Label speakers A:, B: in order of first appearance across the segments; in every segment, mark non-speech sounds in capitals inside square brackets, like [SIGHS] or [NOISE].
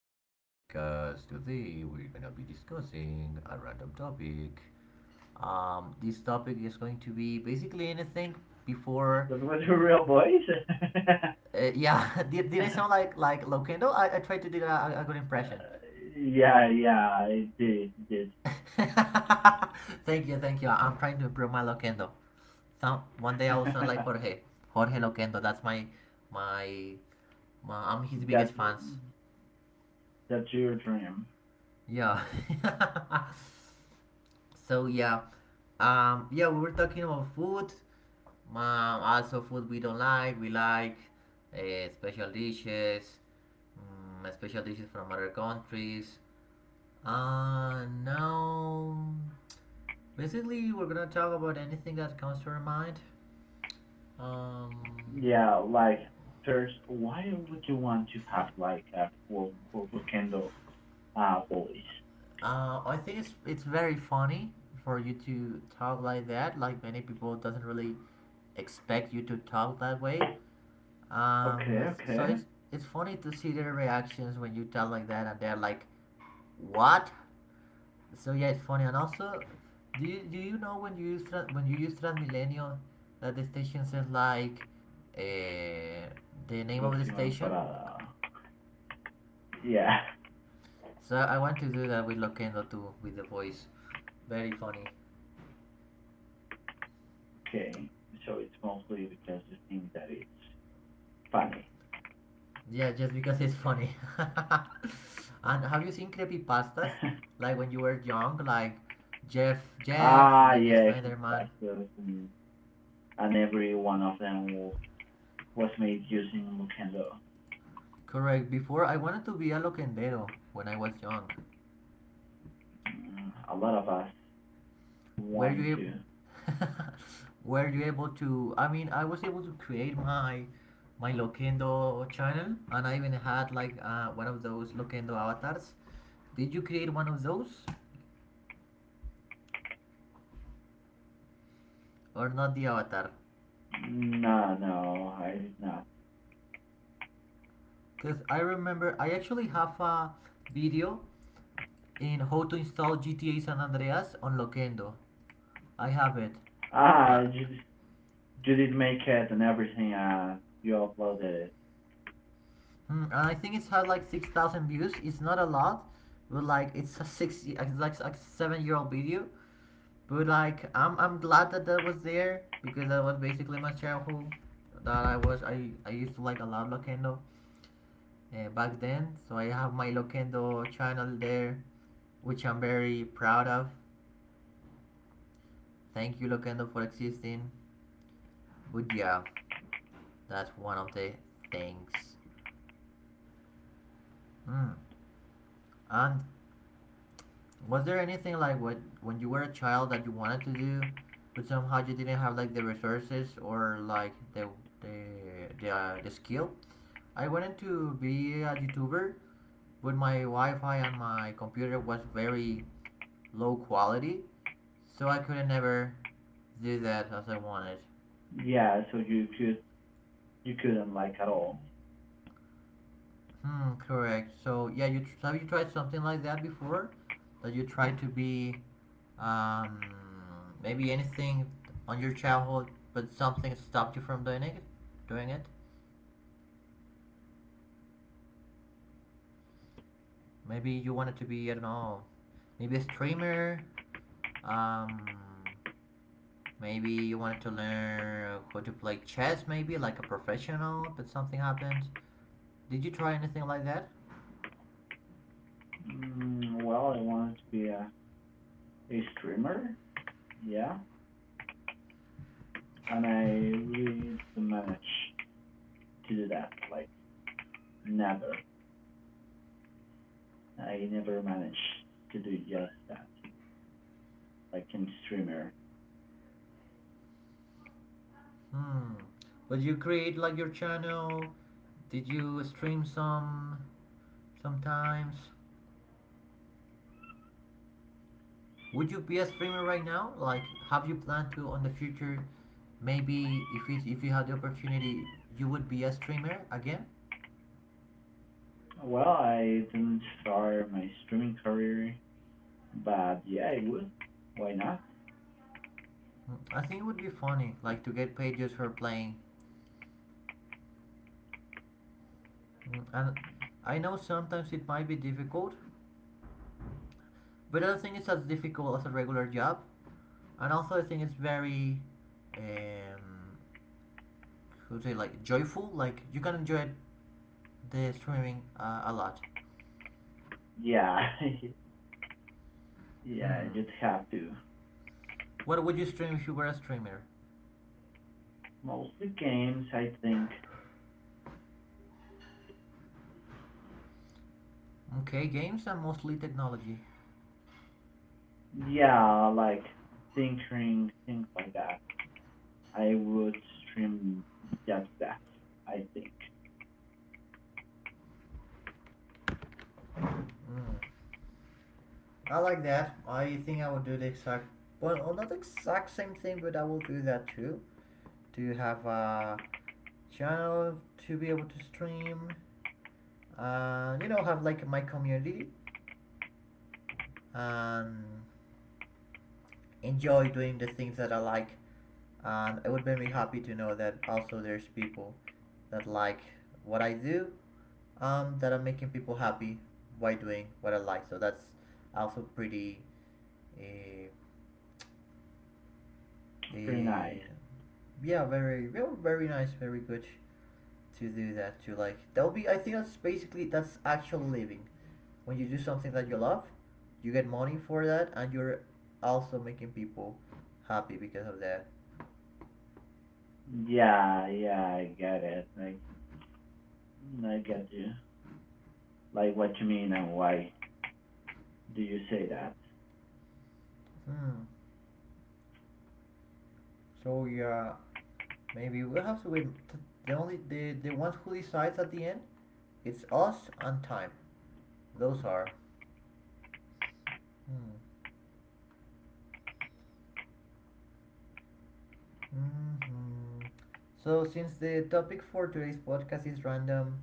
A: to a new podcast. Today, we're gonna be discussing a random topic. This topic is going to be basically anything before.
B: Those were your real boys? [LAUGHS]
A: Yeah, [LAUGHS] did I
B: uh,
A: sound like Loquendo? I tried to do a good impression.
B: yeah, it did. It did.
A: [LAUGHS] Thank you, thank you. I'm trying to improve my Loquendo. Some one day I will sound like
B: [LAUGHS]
A: Jorge. Jorge Loquendo. That's my my I'm his biggest
B: that's,
A: fans.
B: that's your dream.
A: Yeah. [LAUGHS] So yeah, yeah, we were talking about food. Um, also food we don't like, we like uh, special dishes, special dishes from other countries. Now, basically, we're gonna talk about anything that comes to our mind. Um,
B: Yeah, like, first, why would you want to have, a quote, quote, candle, boys?
A: I think it's very funny for you to talk like that. Like many people doesn't really expect you to talk that way.
B: Okay,
A: Um, so
B: okay.
A: it's funny to see their reactions when you tell like that, and they're like, "What?" So yeah, it's funny. And also, do you know when you use when you use Transmilenio, that the station says like, uh, the name of the
B: Próximas
A: station.
B: parada. Yeah,
A: So I want to do that with Loquendo too, with the voice. Very funny.
B: okay. So it's mostly because you think that it's funny.
A: Yeah, just because it's funny. [LAUGHS] And have you seen creepy pastas?
B: [LAUGHS]
A: Like when you were young, like Jeff, maybe
B: Yeah,
A: Slenderman.
B: creepypastas, and every one of them will was made using Lukendo.
A: Correct. Before I wanted to be a locendero when I was young.
B: Mm, a lot of us
A: Were you
B: wanted to.
A: able? [LAUGHS] Were you able to? I mean, I was able to create my my Loquendo channel, and I even had like one of those Loquendo avatars. Did you create one of those, or not the avatar?
B: No, no, I did not.
A: Because I remember I actually have a video in how to install GTA San Andreas on Loquendo. I have it.
B: Ah,
A: Uh,
B: you, you did make it and everything. You uploaded it.
A: Mm, and I think it's had like 6,000 views. It's not a lot, but like it's a it's like a seven-year-old video. But like I'm glad that that was there because that was basically my childhood. That I used to like a lot Loquendo back then. So I have my Loquendo channel there, which I'm very proud of. Thank you Loquendo for existing. But yeah, that's one of the things. Mm. And was there anything like what when you were a child that you wanted to do, but somehow you didn't have like the resources or like the the skill? I wanted to be a YouTuber, but my Wi-Fi and my computer was very low quality, so I could never do that as I wanted.
B: Yeah, so you couldn't like at all.
A: Hmm, correct. So yeah, you have you tried something like that before? That you tried to be Um, maybe anything on your childhood, but something stopped you from doing it. Doing it. Maybe you wanted to be I don't know, maybe a streamer. Um, maybe you wanted to learn how to play chess, maybe like a professional, but something happened. Did you try anything like that?
B: Well, I wanted to be a streamer. Yeah, and I really didn't manage to do that. Like never, I never managed to do just that. Like in streamer,
A: Hmm. Would you create like your channel? Did you stream sometimes? Would you be a streamer right now? Like, have you planned to on the future? Maybe if you had the opportunity, you would be a streamer again.
B: well, I didn't start my streaming career, but yeah, I would. Why not?
A: Mm, I think it would be funny, like to get paid just for playing. Mm, and I know sometimes it might be difficult, but I don't think it's as difficult as a regular job. And also, I think it's very, um, how to say, like joyful. Like you can enjoy the streaming a lot.
B: Yeah, [LAUGHS] yeah, I
A: Hmm.
B: just have to.
A: What would you stream if you were a streamer?
B: Mostly games, I think.
A: Okay, games and mostly technology.
B: Yeah, like tinkering, things like that. I would stream just that, I think.
A: Mm. I like that. I think I will do the exact not the exact same thing, but I will do that too. Do you have a channel to be able to stream? You know, have like my community and enjoy doing the things that I like. And it would make me happy to know that also there's people that like what I do, that I'm making people happy by doing what I like. So that's also pretty uh,
B: Pretty nice.
A: and yeah, very, very, very nice, very good to do that. To like, that'll be. I think that's basically that's actual living. When you do something that you love, you get money for that, and you're also making people happy because of that.
B: Yeah, yeah, I get it. I get you. Like, what you mean and why do you say that?
A: Hmm. So yeah, maybe we'll have to wait. The only the ones who decides at the end, it's us and time. Those are. Hmm. Hmm. So, since the topic for today's podcast is random,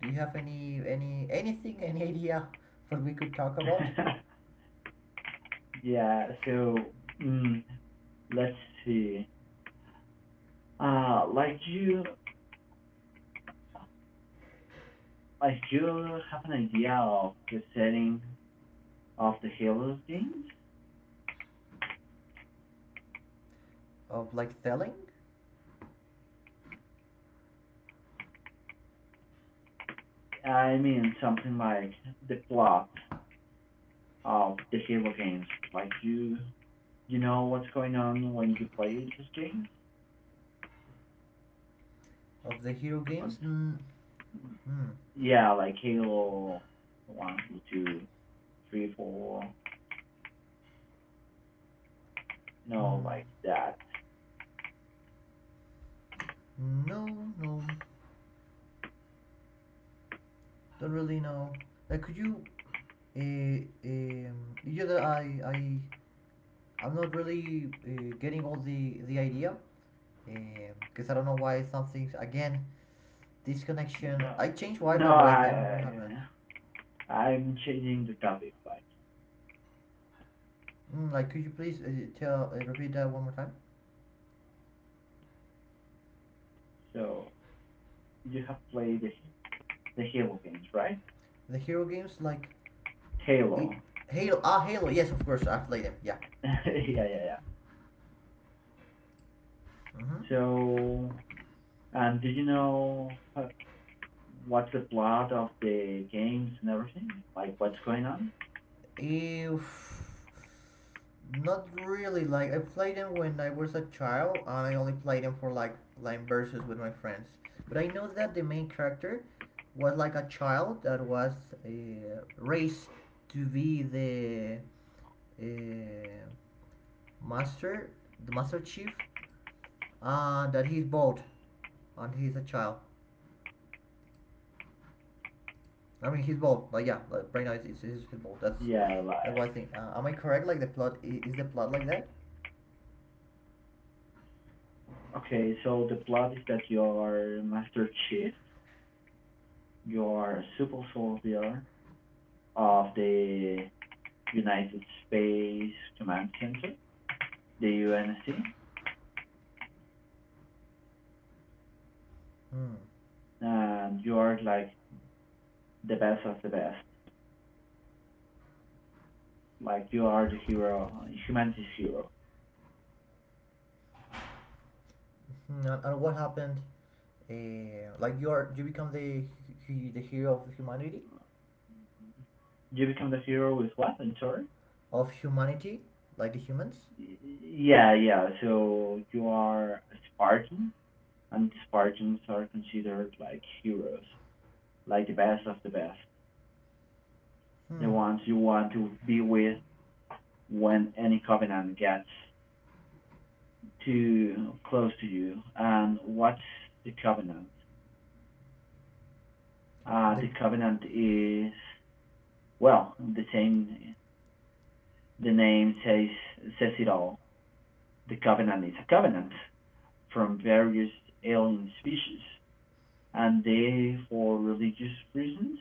A: do you have any anything [LAUGHS] any idea what we could talk about
B: [LAUGHS] Yeah, so, mm, let's see. Uh, like you, like you have an idea of the setting of the Halo games?
A: of like selling
B: I mean, something like the plot of the Halo games. Like you, you know what's going on when you play these games.
A: of the hero games?
B: What's,
A: Mm,
B: yeah, like Halo one, two, three, four. You know,
A: mm,
B: like that.
A: no, no, don't really know. Like, could you? You know that I I'm not really getting all the idea. Because I don't know why something again disconnection.
B: No,
A: I changed
B: no,
A: Wi-Fi, but I think I don't know what happened.
B: I- I'm changing the topic. Like,
A: Mm, like, could you please tell repeat that one more time?
B: so you have played the Halo games, right?
A: The hero games like
B: Halo.
A: it, Halo. Ah, Halo. Yes, of course, I've played them. Yeah.
B: [LAUGHS] yeah, yeah, yeah.
A: Mm-hmm.
B: So, did you know uh, what's the plot of the games and everything? Like, what's going on?
A: If not really, like I played them when I was a child, and I only played them for like line versus with my friends. But I know that the main character was like a child that was raised to be the uh, master, the master chief, and that he's bald and he's a child. I mean, he's bald. Like yeah, like, right now it's he's bald.
B: Yeah,
A: That's one
B: like,
A: thing. Am I correct? Like the plot is the plot like that?
B: okay, so the plot is that you are Master Chief, you are a super soldier of the United Space Command Center, the UNSC,
A: Hmm.
B: and you are like the best of the best. Like, you are the hero, humanity's hero.
A: Mhm. And what happened? Like you are you become the the hero
B: You become the hero with what? I'm sorry.
A: of humanity like the humans.
B: Yeah, yeah. So you are a Spartan, and Spartans are considered like heroes, like the best of the best, the
A: Hmm.
B: ones you want to be with when any covenant gets too close to you. And what's the covenant? The
A: The
B: covenant is, well, the same, the name says it all. The covenant is a covenant from various alien species, and they, for religious reasons,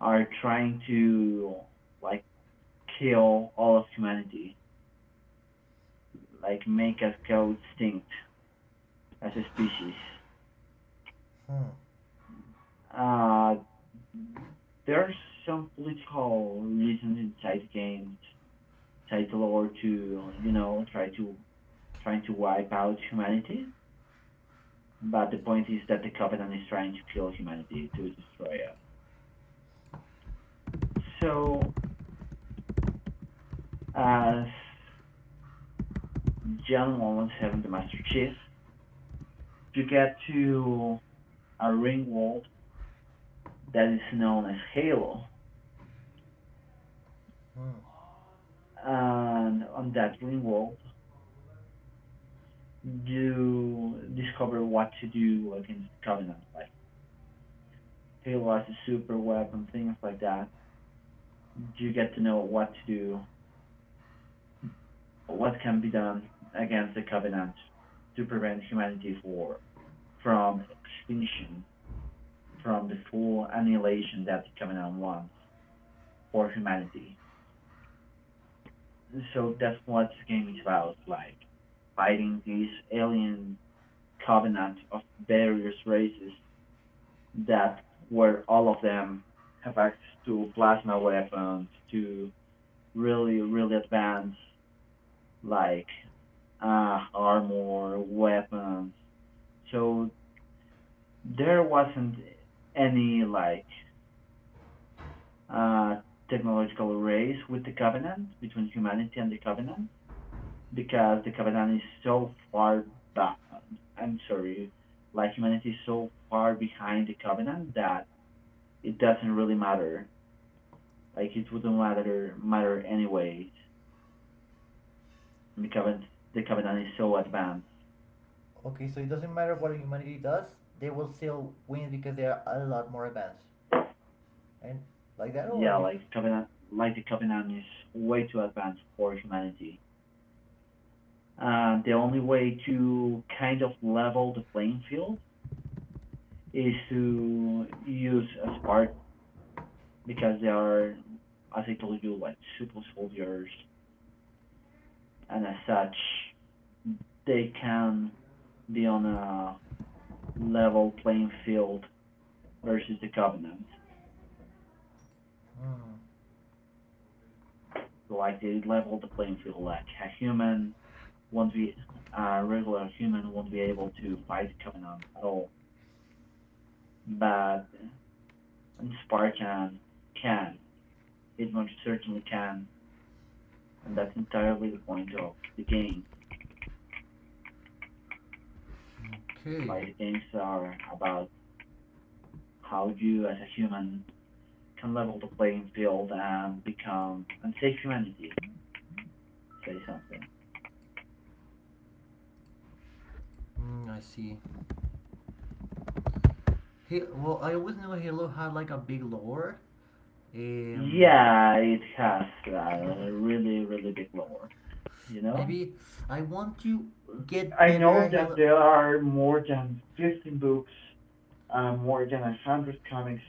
B: are trying to like kill all of humanity, like make us go extinct as a species.
A: hmm.
B: Uh, there's some political reasons inside games, inside the lore to, you know, try to, trying to wipe out humanity. But the point is that the Covenant is trying to kill humanity to destroy us. So as John 117, the Master Chief, you get to a ring world that is known as Halo.
A: Hmm.
B: And on that ring world, you discover what to do against the Covenant. Like Halo has a super weapon, things like that. You get to know what to do, what can be done against the Covenant to prevent humanity for, from extinction, from the full annihilation that the Covenant wants for humanity. So
A: Hmm.
B: that's what this game is about, like fighting these alien covenant of various races that where all of them have access to plasma weapons, to really, really advanced, like armor, weapons. So there wasn't any like uh, technological race with the covenant between humanity and the covenant, because the Capitan is so far back. I'm sorry, like humanity is so far behind the Covenant that it doesn't really matter. Like it wouldn't matter anyways. The Covenant, the Covenant is so advanced.
A: Okay, so it doesn't matter what humanity does; they will still win because they are a lot more advanced, and like that or different.
B: Like the Covenant is way too advanced for humanity. And the only way to kind of level the playing field is to use a Spartan, because they are, as I told you, like super soldiers, and as such, they can be on a level playing field versus the Covenant.
A: Hmm.
B: Like they level the playing field, like won't be a regular human won't be able to fight the Covenant at all, but Spartan can. It most certainly can, and that's entirely the point of the game.
A: Okay.
B: Like the games are about how you as a human can level the playing field and become and save humanity. Say something.
A: Mm, I see. He, well, I always knew Halo had like a big lore. Um,
B: Yeah, it has a really really big lore. You know.
A: maybe I want to get
B: I
A: better
B: know
A: at
B: that
A: Halo.
B: there are more than 15 books, more than 100 comics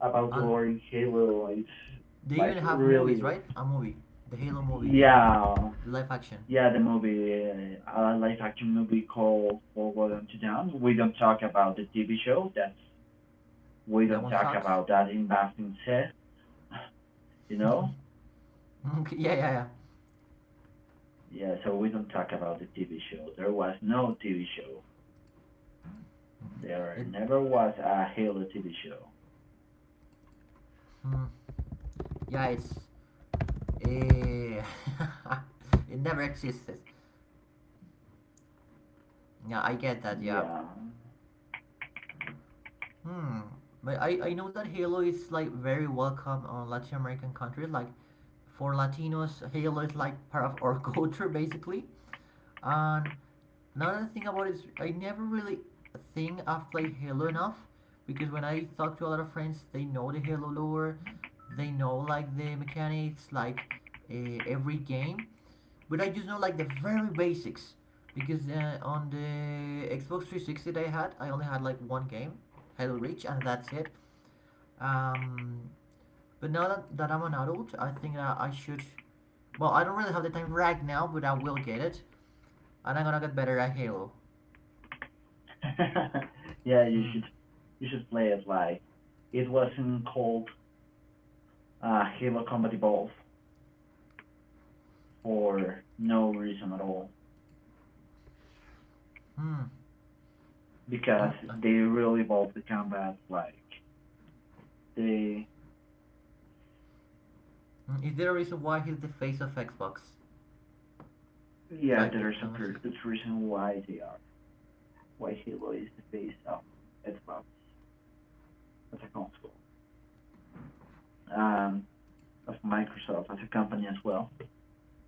B: about the
A: And
B: lore in Halo. It's
A: they even
B: like
A: have movies,
B: really.
A: right? A movie, the Halo movie. They have
B: Yeah,
A: live action.
B: yeah, the movie, a live action movie called Forward and to Down. We don't talk about the TV show. That's we
A: That
B: don't
A: one
B: talk
A: sucks.
B: about that in Bastin set, you know?
A: [LAUGHS] Okay, yeah,
B: Yeah, so we don't talk about the TV show. There was no TV show. There
A: yeah.
B: never was a Halo TV show.
A: Mm, yeah, it's eh, [LAUGHS] it never existed. Yeah, I get that. Yeah,
B: Yeah.
A: hmm. But I know that Halo is like very welcome on Latin American countries. Like for Latinos, Halo is like part of our [LAUGHS] culture basically. And another thing about it is I never really think I've played Halo enough because when I talk to a lot of friends, they know the Halo lore, they know like the mechanics, like every game. But I just know like the very basics because on the Xbox 360 that I had, I only had like one game, Halo Reach, and that's it. Um, but now that I'm an adult, I think that I should. Well, I don't really have the time right now, but I will get it, and I'm gonna get better at Halo.
B: [LAUGHS] yeah,
A: Hmm.
B: you should play it like it wasn't called Halo Combat Evolved for no reason at all,
A: Hmm. Hmm.
B: because they really evolved the combat like they,
A: Hmm. Is there a reason why he's the face of Xbox?
B: yeah,
A: Like,
B: there's a
A: the much?
B: pretty good reason why they are why Halo is the face of Xbox as a console, um, of Microsoft as a company as well.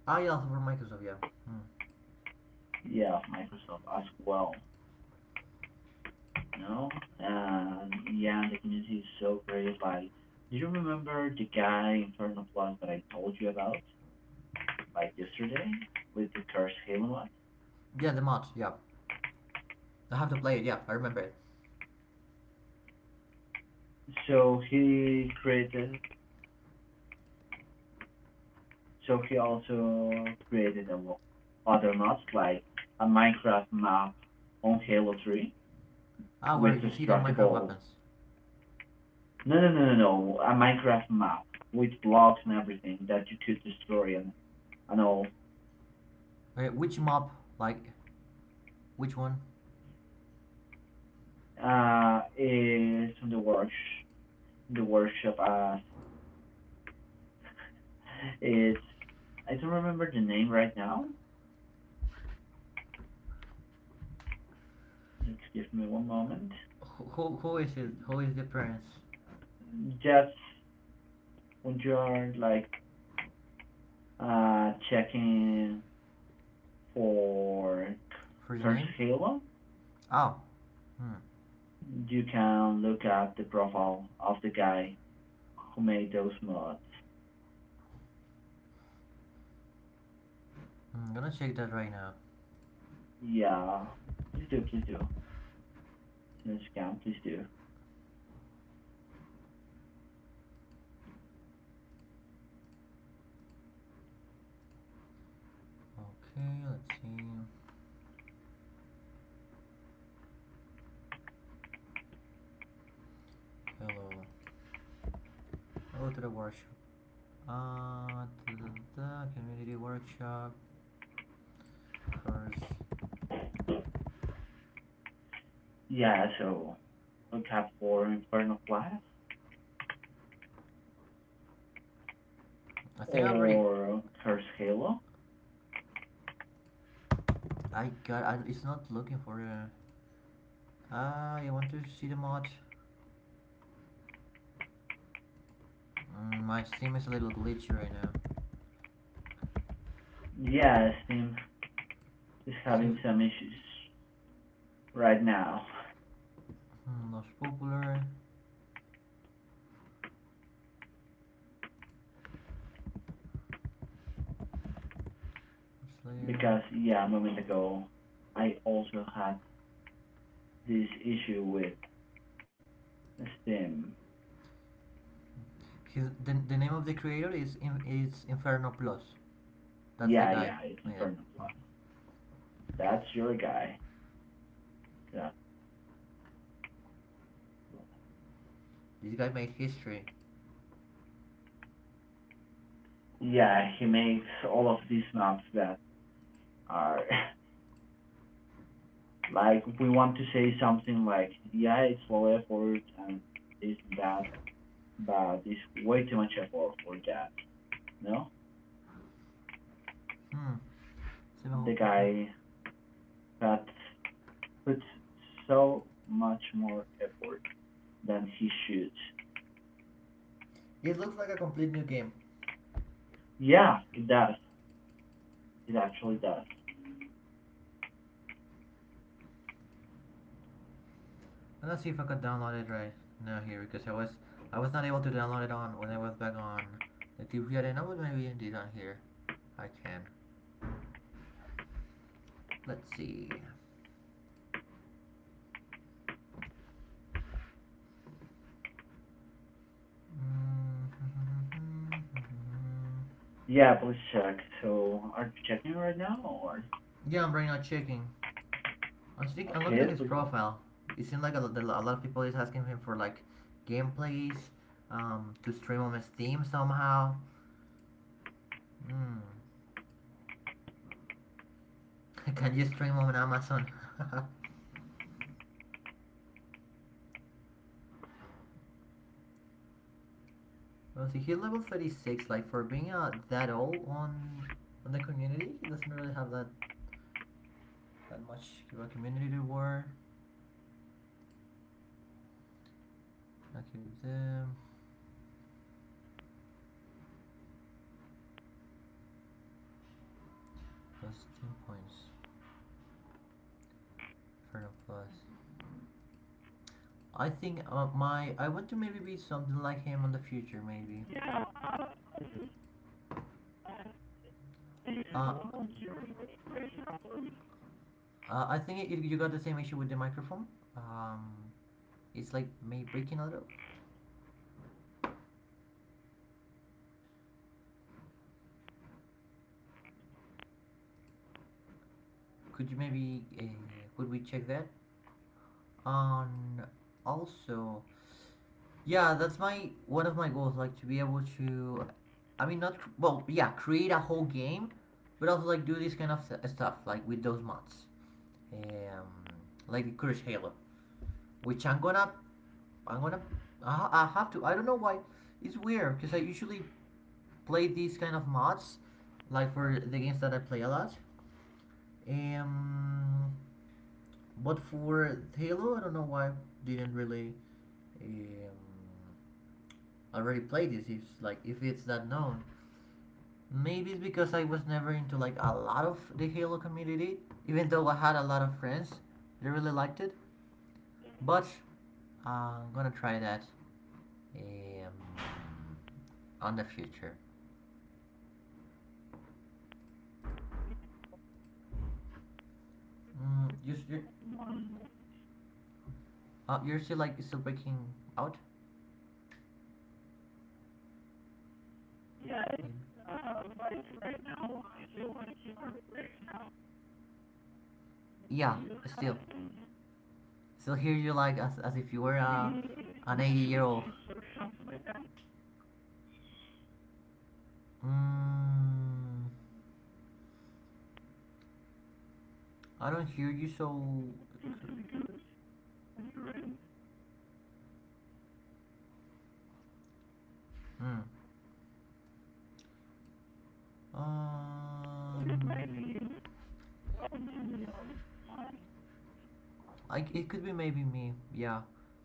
A: Ah, yeah, for Microsoft, yeah. Hmm.
B: Yeah, of Microsoft as well. You know, and yeah, the community is so great. Like, do you remember the guy in Inferno Plus that I told you about, like yesterday, with the cursed Halo mod?
A: Yeah, the mod, yeah. I have to play it, yeah, I remember it.
B: So he created. So he also created other mods like a Minecraft map on Halo 3
A: Ah, where
B: with
A: you see the micro
B: destructible.
A: weapons.
B: No, no, no, no, no. A Minecraft map with blocks and everything that you could destroy, and all.
A: Okay, which mob? Like, which one?
B: It's from the worksh the workshop. It's, I don't remember the name right now. Just give me one moment.
A: Who is it? Who is the prince?
B: Just when you're like checking for
A: First
B: Curse
A: name?
B: Halo,
A: Oh. Hmm.
B: you can look at the profile of the guy who made those mods.
A: Hmm, I'm gonna check that right now.
B: Yeah, please do, please do. To the scam, please do.
A: Okay, let's see. Hello. Go to the workshop. Uh, da, da, da, community workshop. Course.
B: Yeah, so look out for Inferno Blast
A: I think I already.
B: or Curse Halo.
A: I got. It's not looking for a. You want to see the mod? Mm, my Steam is a little glitchy right now.
B: Yeah, Steam is
A: It
B: having
A: seems
B: some issues right now,
A: hmm, most popular. Slayer.
B: because yeah, a moment ago I also had this issue with Steam.
A: His the name of the creator is Inferno Plus. That's the
B: Yeah,
A: guy.
B: yeah, it's
A: Oh, yeah.
B: Inferno
A: Hmm.
B: Blast. That's your guy. So,
A: This guy made history.
B: yeah, he makes all of these maps that are [LAUGHS] like we want to say something like yeah, it's low effort and this and that, but it's way too much effort for that. No,
A: Hmm. Let's see the whole
B: the
A: picture.
B: guy that puts so much more effort than he should.
A: It looks like a complete new game.
B: Yeah, it does. It actually does.
A: And let's see if I could download it right now here because I was not able to download it on when I was back on the tube here and I was maybe indeed on here. I can. Let's see. [LAUGHS]
B: Yeah, please check. So are you checking right now or?
A: Yeah, I'm right now checking. I'm looking
B: Okay,
A: at his
B: please. [SIGHS]
A: profile. It seems like a lot of people is asking him for like gameplays, to stream on his Steam somehow. Hmm. [LAUGHS] Can you stream on Amazon? [LAUGHS] Let's see, he's level 36. Like for being that old on the community, he doesn't really have that that much of a community to war. I keep them plus 10 points. Inferno plus. I think my I want to maybe be something like him in the future. Maybe. Uh, I think it, you got the same issue with the microphone. Um, it's like may breaking a little. Could you maybe could we check that? And also, yeah, that's my one of my goals, like to be able to. I mean, not cr- well, yeah, create a whole game, but also like do this kind of stuff, like with those mods, um, like the Curse Halo, which I'm gonna, I have to. I don't know why. It's weird because I usually play these kind of mods, like for the games that I play a lot. Um, but for Halo, I don't know why I didn't really um already play this, if like if it's that known. Maybe it's because I was never into like a lot of the Halo community, even though I had a lot of friends that really liked it. But I'm gonna try that um, on the future. Mm, you, you, you're still like still breaking out. Maybe. Yeah, still, still hear you like as if you were an 80 year old. Mm, I don't hear you so. cr- Mm. Um, Like it could be maybe me. Yeah.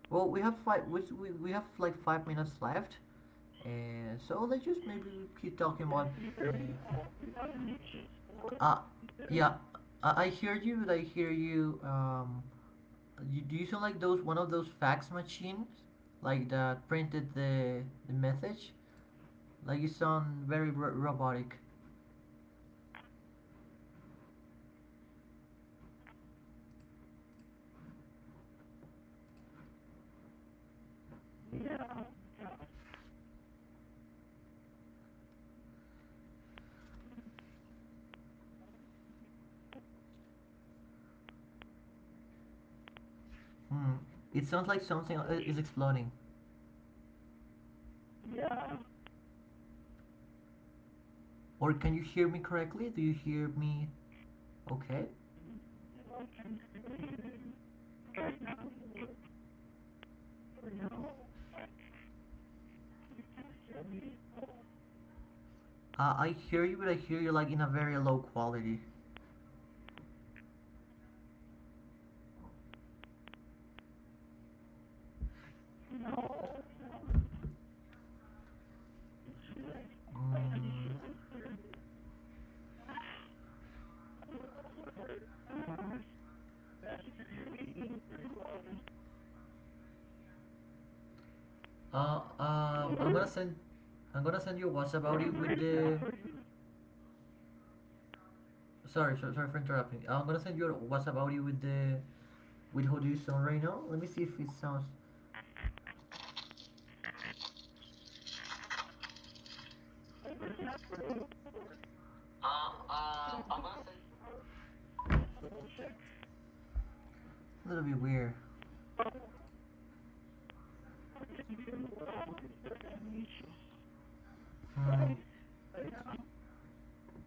A: Well, we have five. We have like 5 minutes left, so let's just maybe keep talking about. Uh, uh yeah, I hear you. But I hear you. You, do you sound like those one of those fax machines, like that printed the message? Like you sound very robotic. Hmm. It sounds like something is exploding. Or can you hear me correctly? Do you hear me? Okay. I hear you, but I hear you like in a very low quality. Mm, uh, um, I'm gonna send, I'm gonna send you a WhatsApp audio with the. Sorry, sorry, sorry for interrupting. I'm gonna send you a WhatsApp audio with the with how do you sound right now. Let me see if it sounds I'm gonna send a little bit weird. Hmm.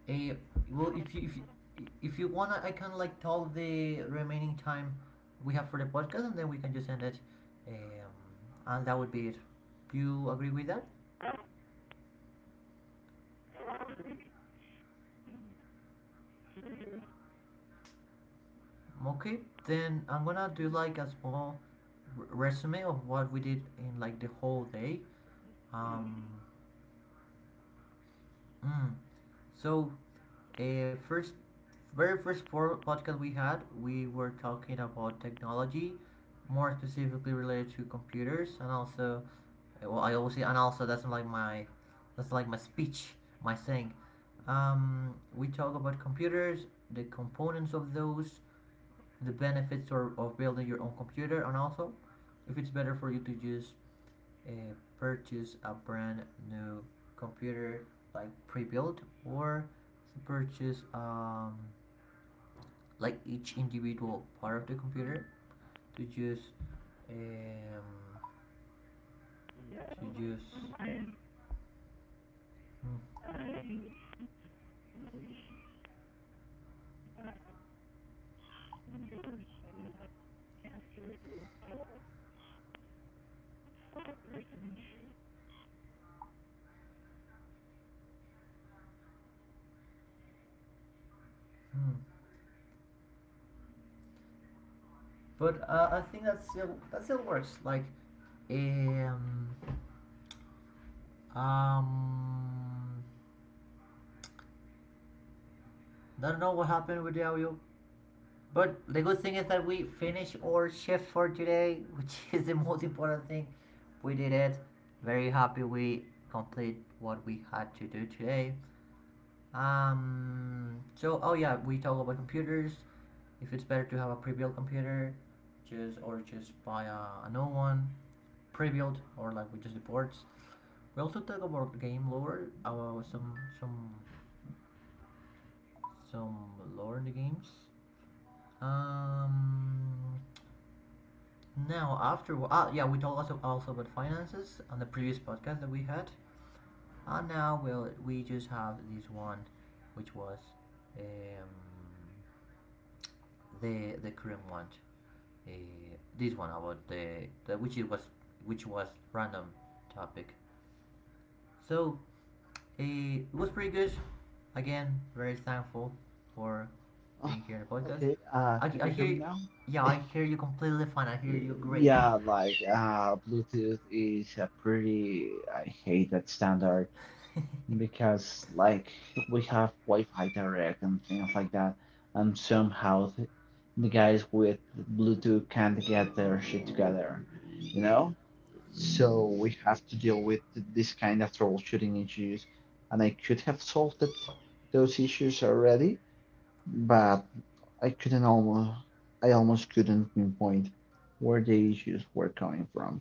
A: eh, well, if you if you, if you wanna, I can like tell the remaining time we have for the podcast, and then we can just end it. Um, and that would be it. Do you agree with that? Okay, then I'm gonna do like a small resume of what we did in like the whole day. Um, mm. So, first, very first podcast we had, we were talking about technology, more specifically related to computers, and also, well, I always say, and also that's like my speech, my saying. We talk about computers, the components of those, the benefits of building your own computer, and also if it's better for you to just uh, purchase a brand new computer like pre-built, or to purchase like each individual part of the computer to just um, to just mm, mm. But I think that still works like. um um I don't know what happened with the audio. But the good thing is that we finished our shift for today, which [LAUGHS] is the most important thing. We did it. Very happy we complete what we had to do today. So, oh yeah, we talk about computers. If it's better to have a pre-built computer, just or just buy a new one, pre-built or like with just the ports. We also talk about game lore, about some lore in the games. Um, Now, after yeah, we talked also, also about finances on the previous podcast that we had, and now we just have this one, which was um, the current one, uh, this one about the which it was which was random topic. So it was pretty good. Again, very thankful for
B: Ah,
A: being here in the podcast.
B: okay,
A: I,
B: can
A: I
B: you hear
A: hear
B: me
A: you,
B: now?
A: yeah, I hear you completely fine. I
B: Uh,
A: hear you great.
B: Yeah, like Bluetooth is a pretty, I hate that standard,
A: [LAUGHS]
B: because like we have Wi-Fi direct and things like that, and somehow the guys with Bluetooth can't get their shit together, you know? So we have to deal with this kind of troubleshooting issues, and I could have solved it, those issues already, but I couldn't almost, I almost couldn't pinpoint where the issues were coming from.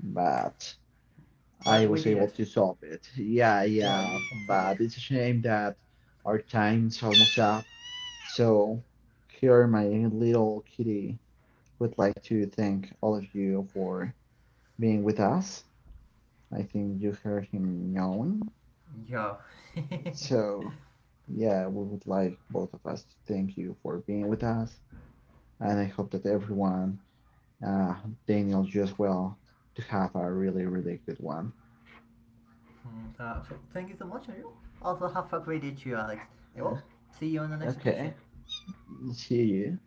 B: But I
A: But we
B: was
A: did
B: able
A: it.
B: to solve it. Yeah,
A: Yeah,
B: yeah,
A: you completed.
B: but it's a shame that our time's almost up. So here, my little kitty would like to thank all of you for being with us. I think you heard him yawning.
A: Yeah. [LAUGHS]
B: So yeah, we would like both of us to thank you for being with us, and I hope that everyone, uh, Daniel, you as well, to have a really, really good one.
A: So thank you so much, Ariel. Also, have a great day to you, Alex. I
B: Yeah.
A: will see you on the next occasion.
B: Okay, see you.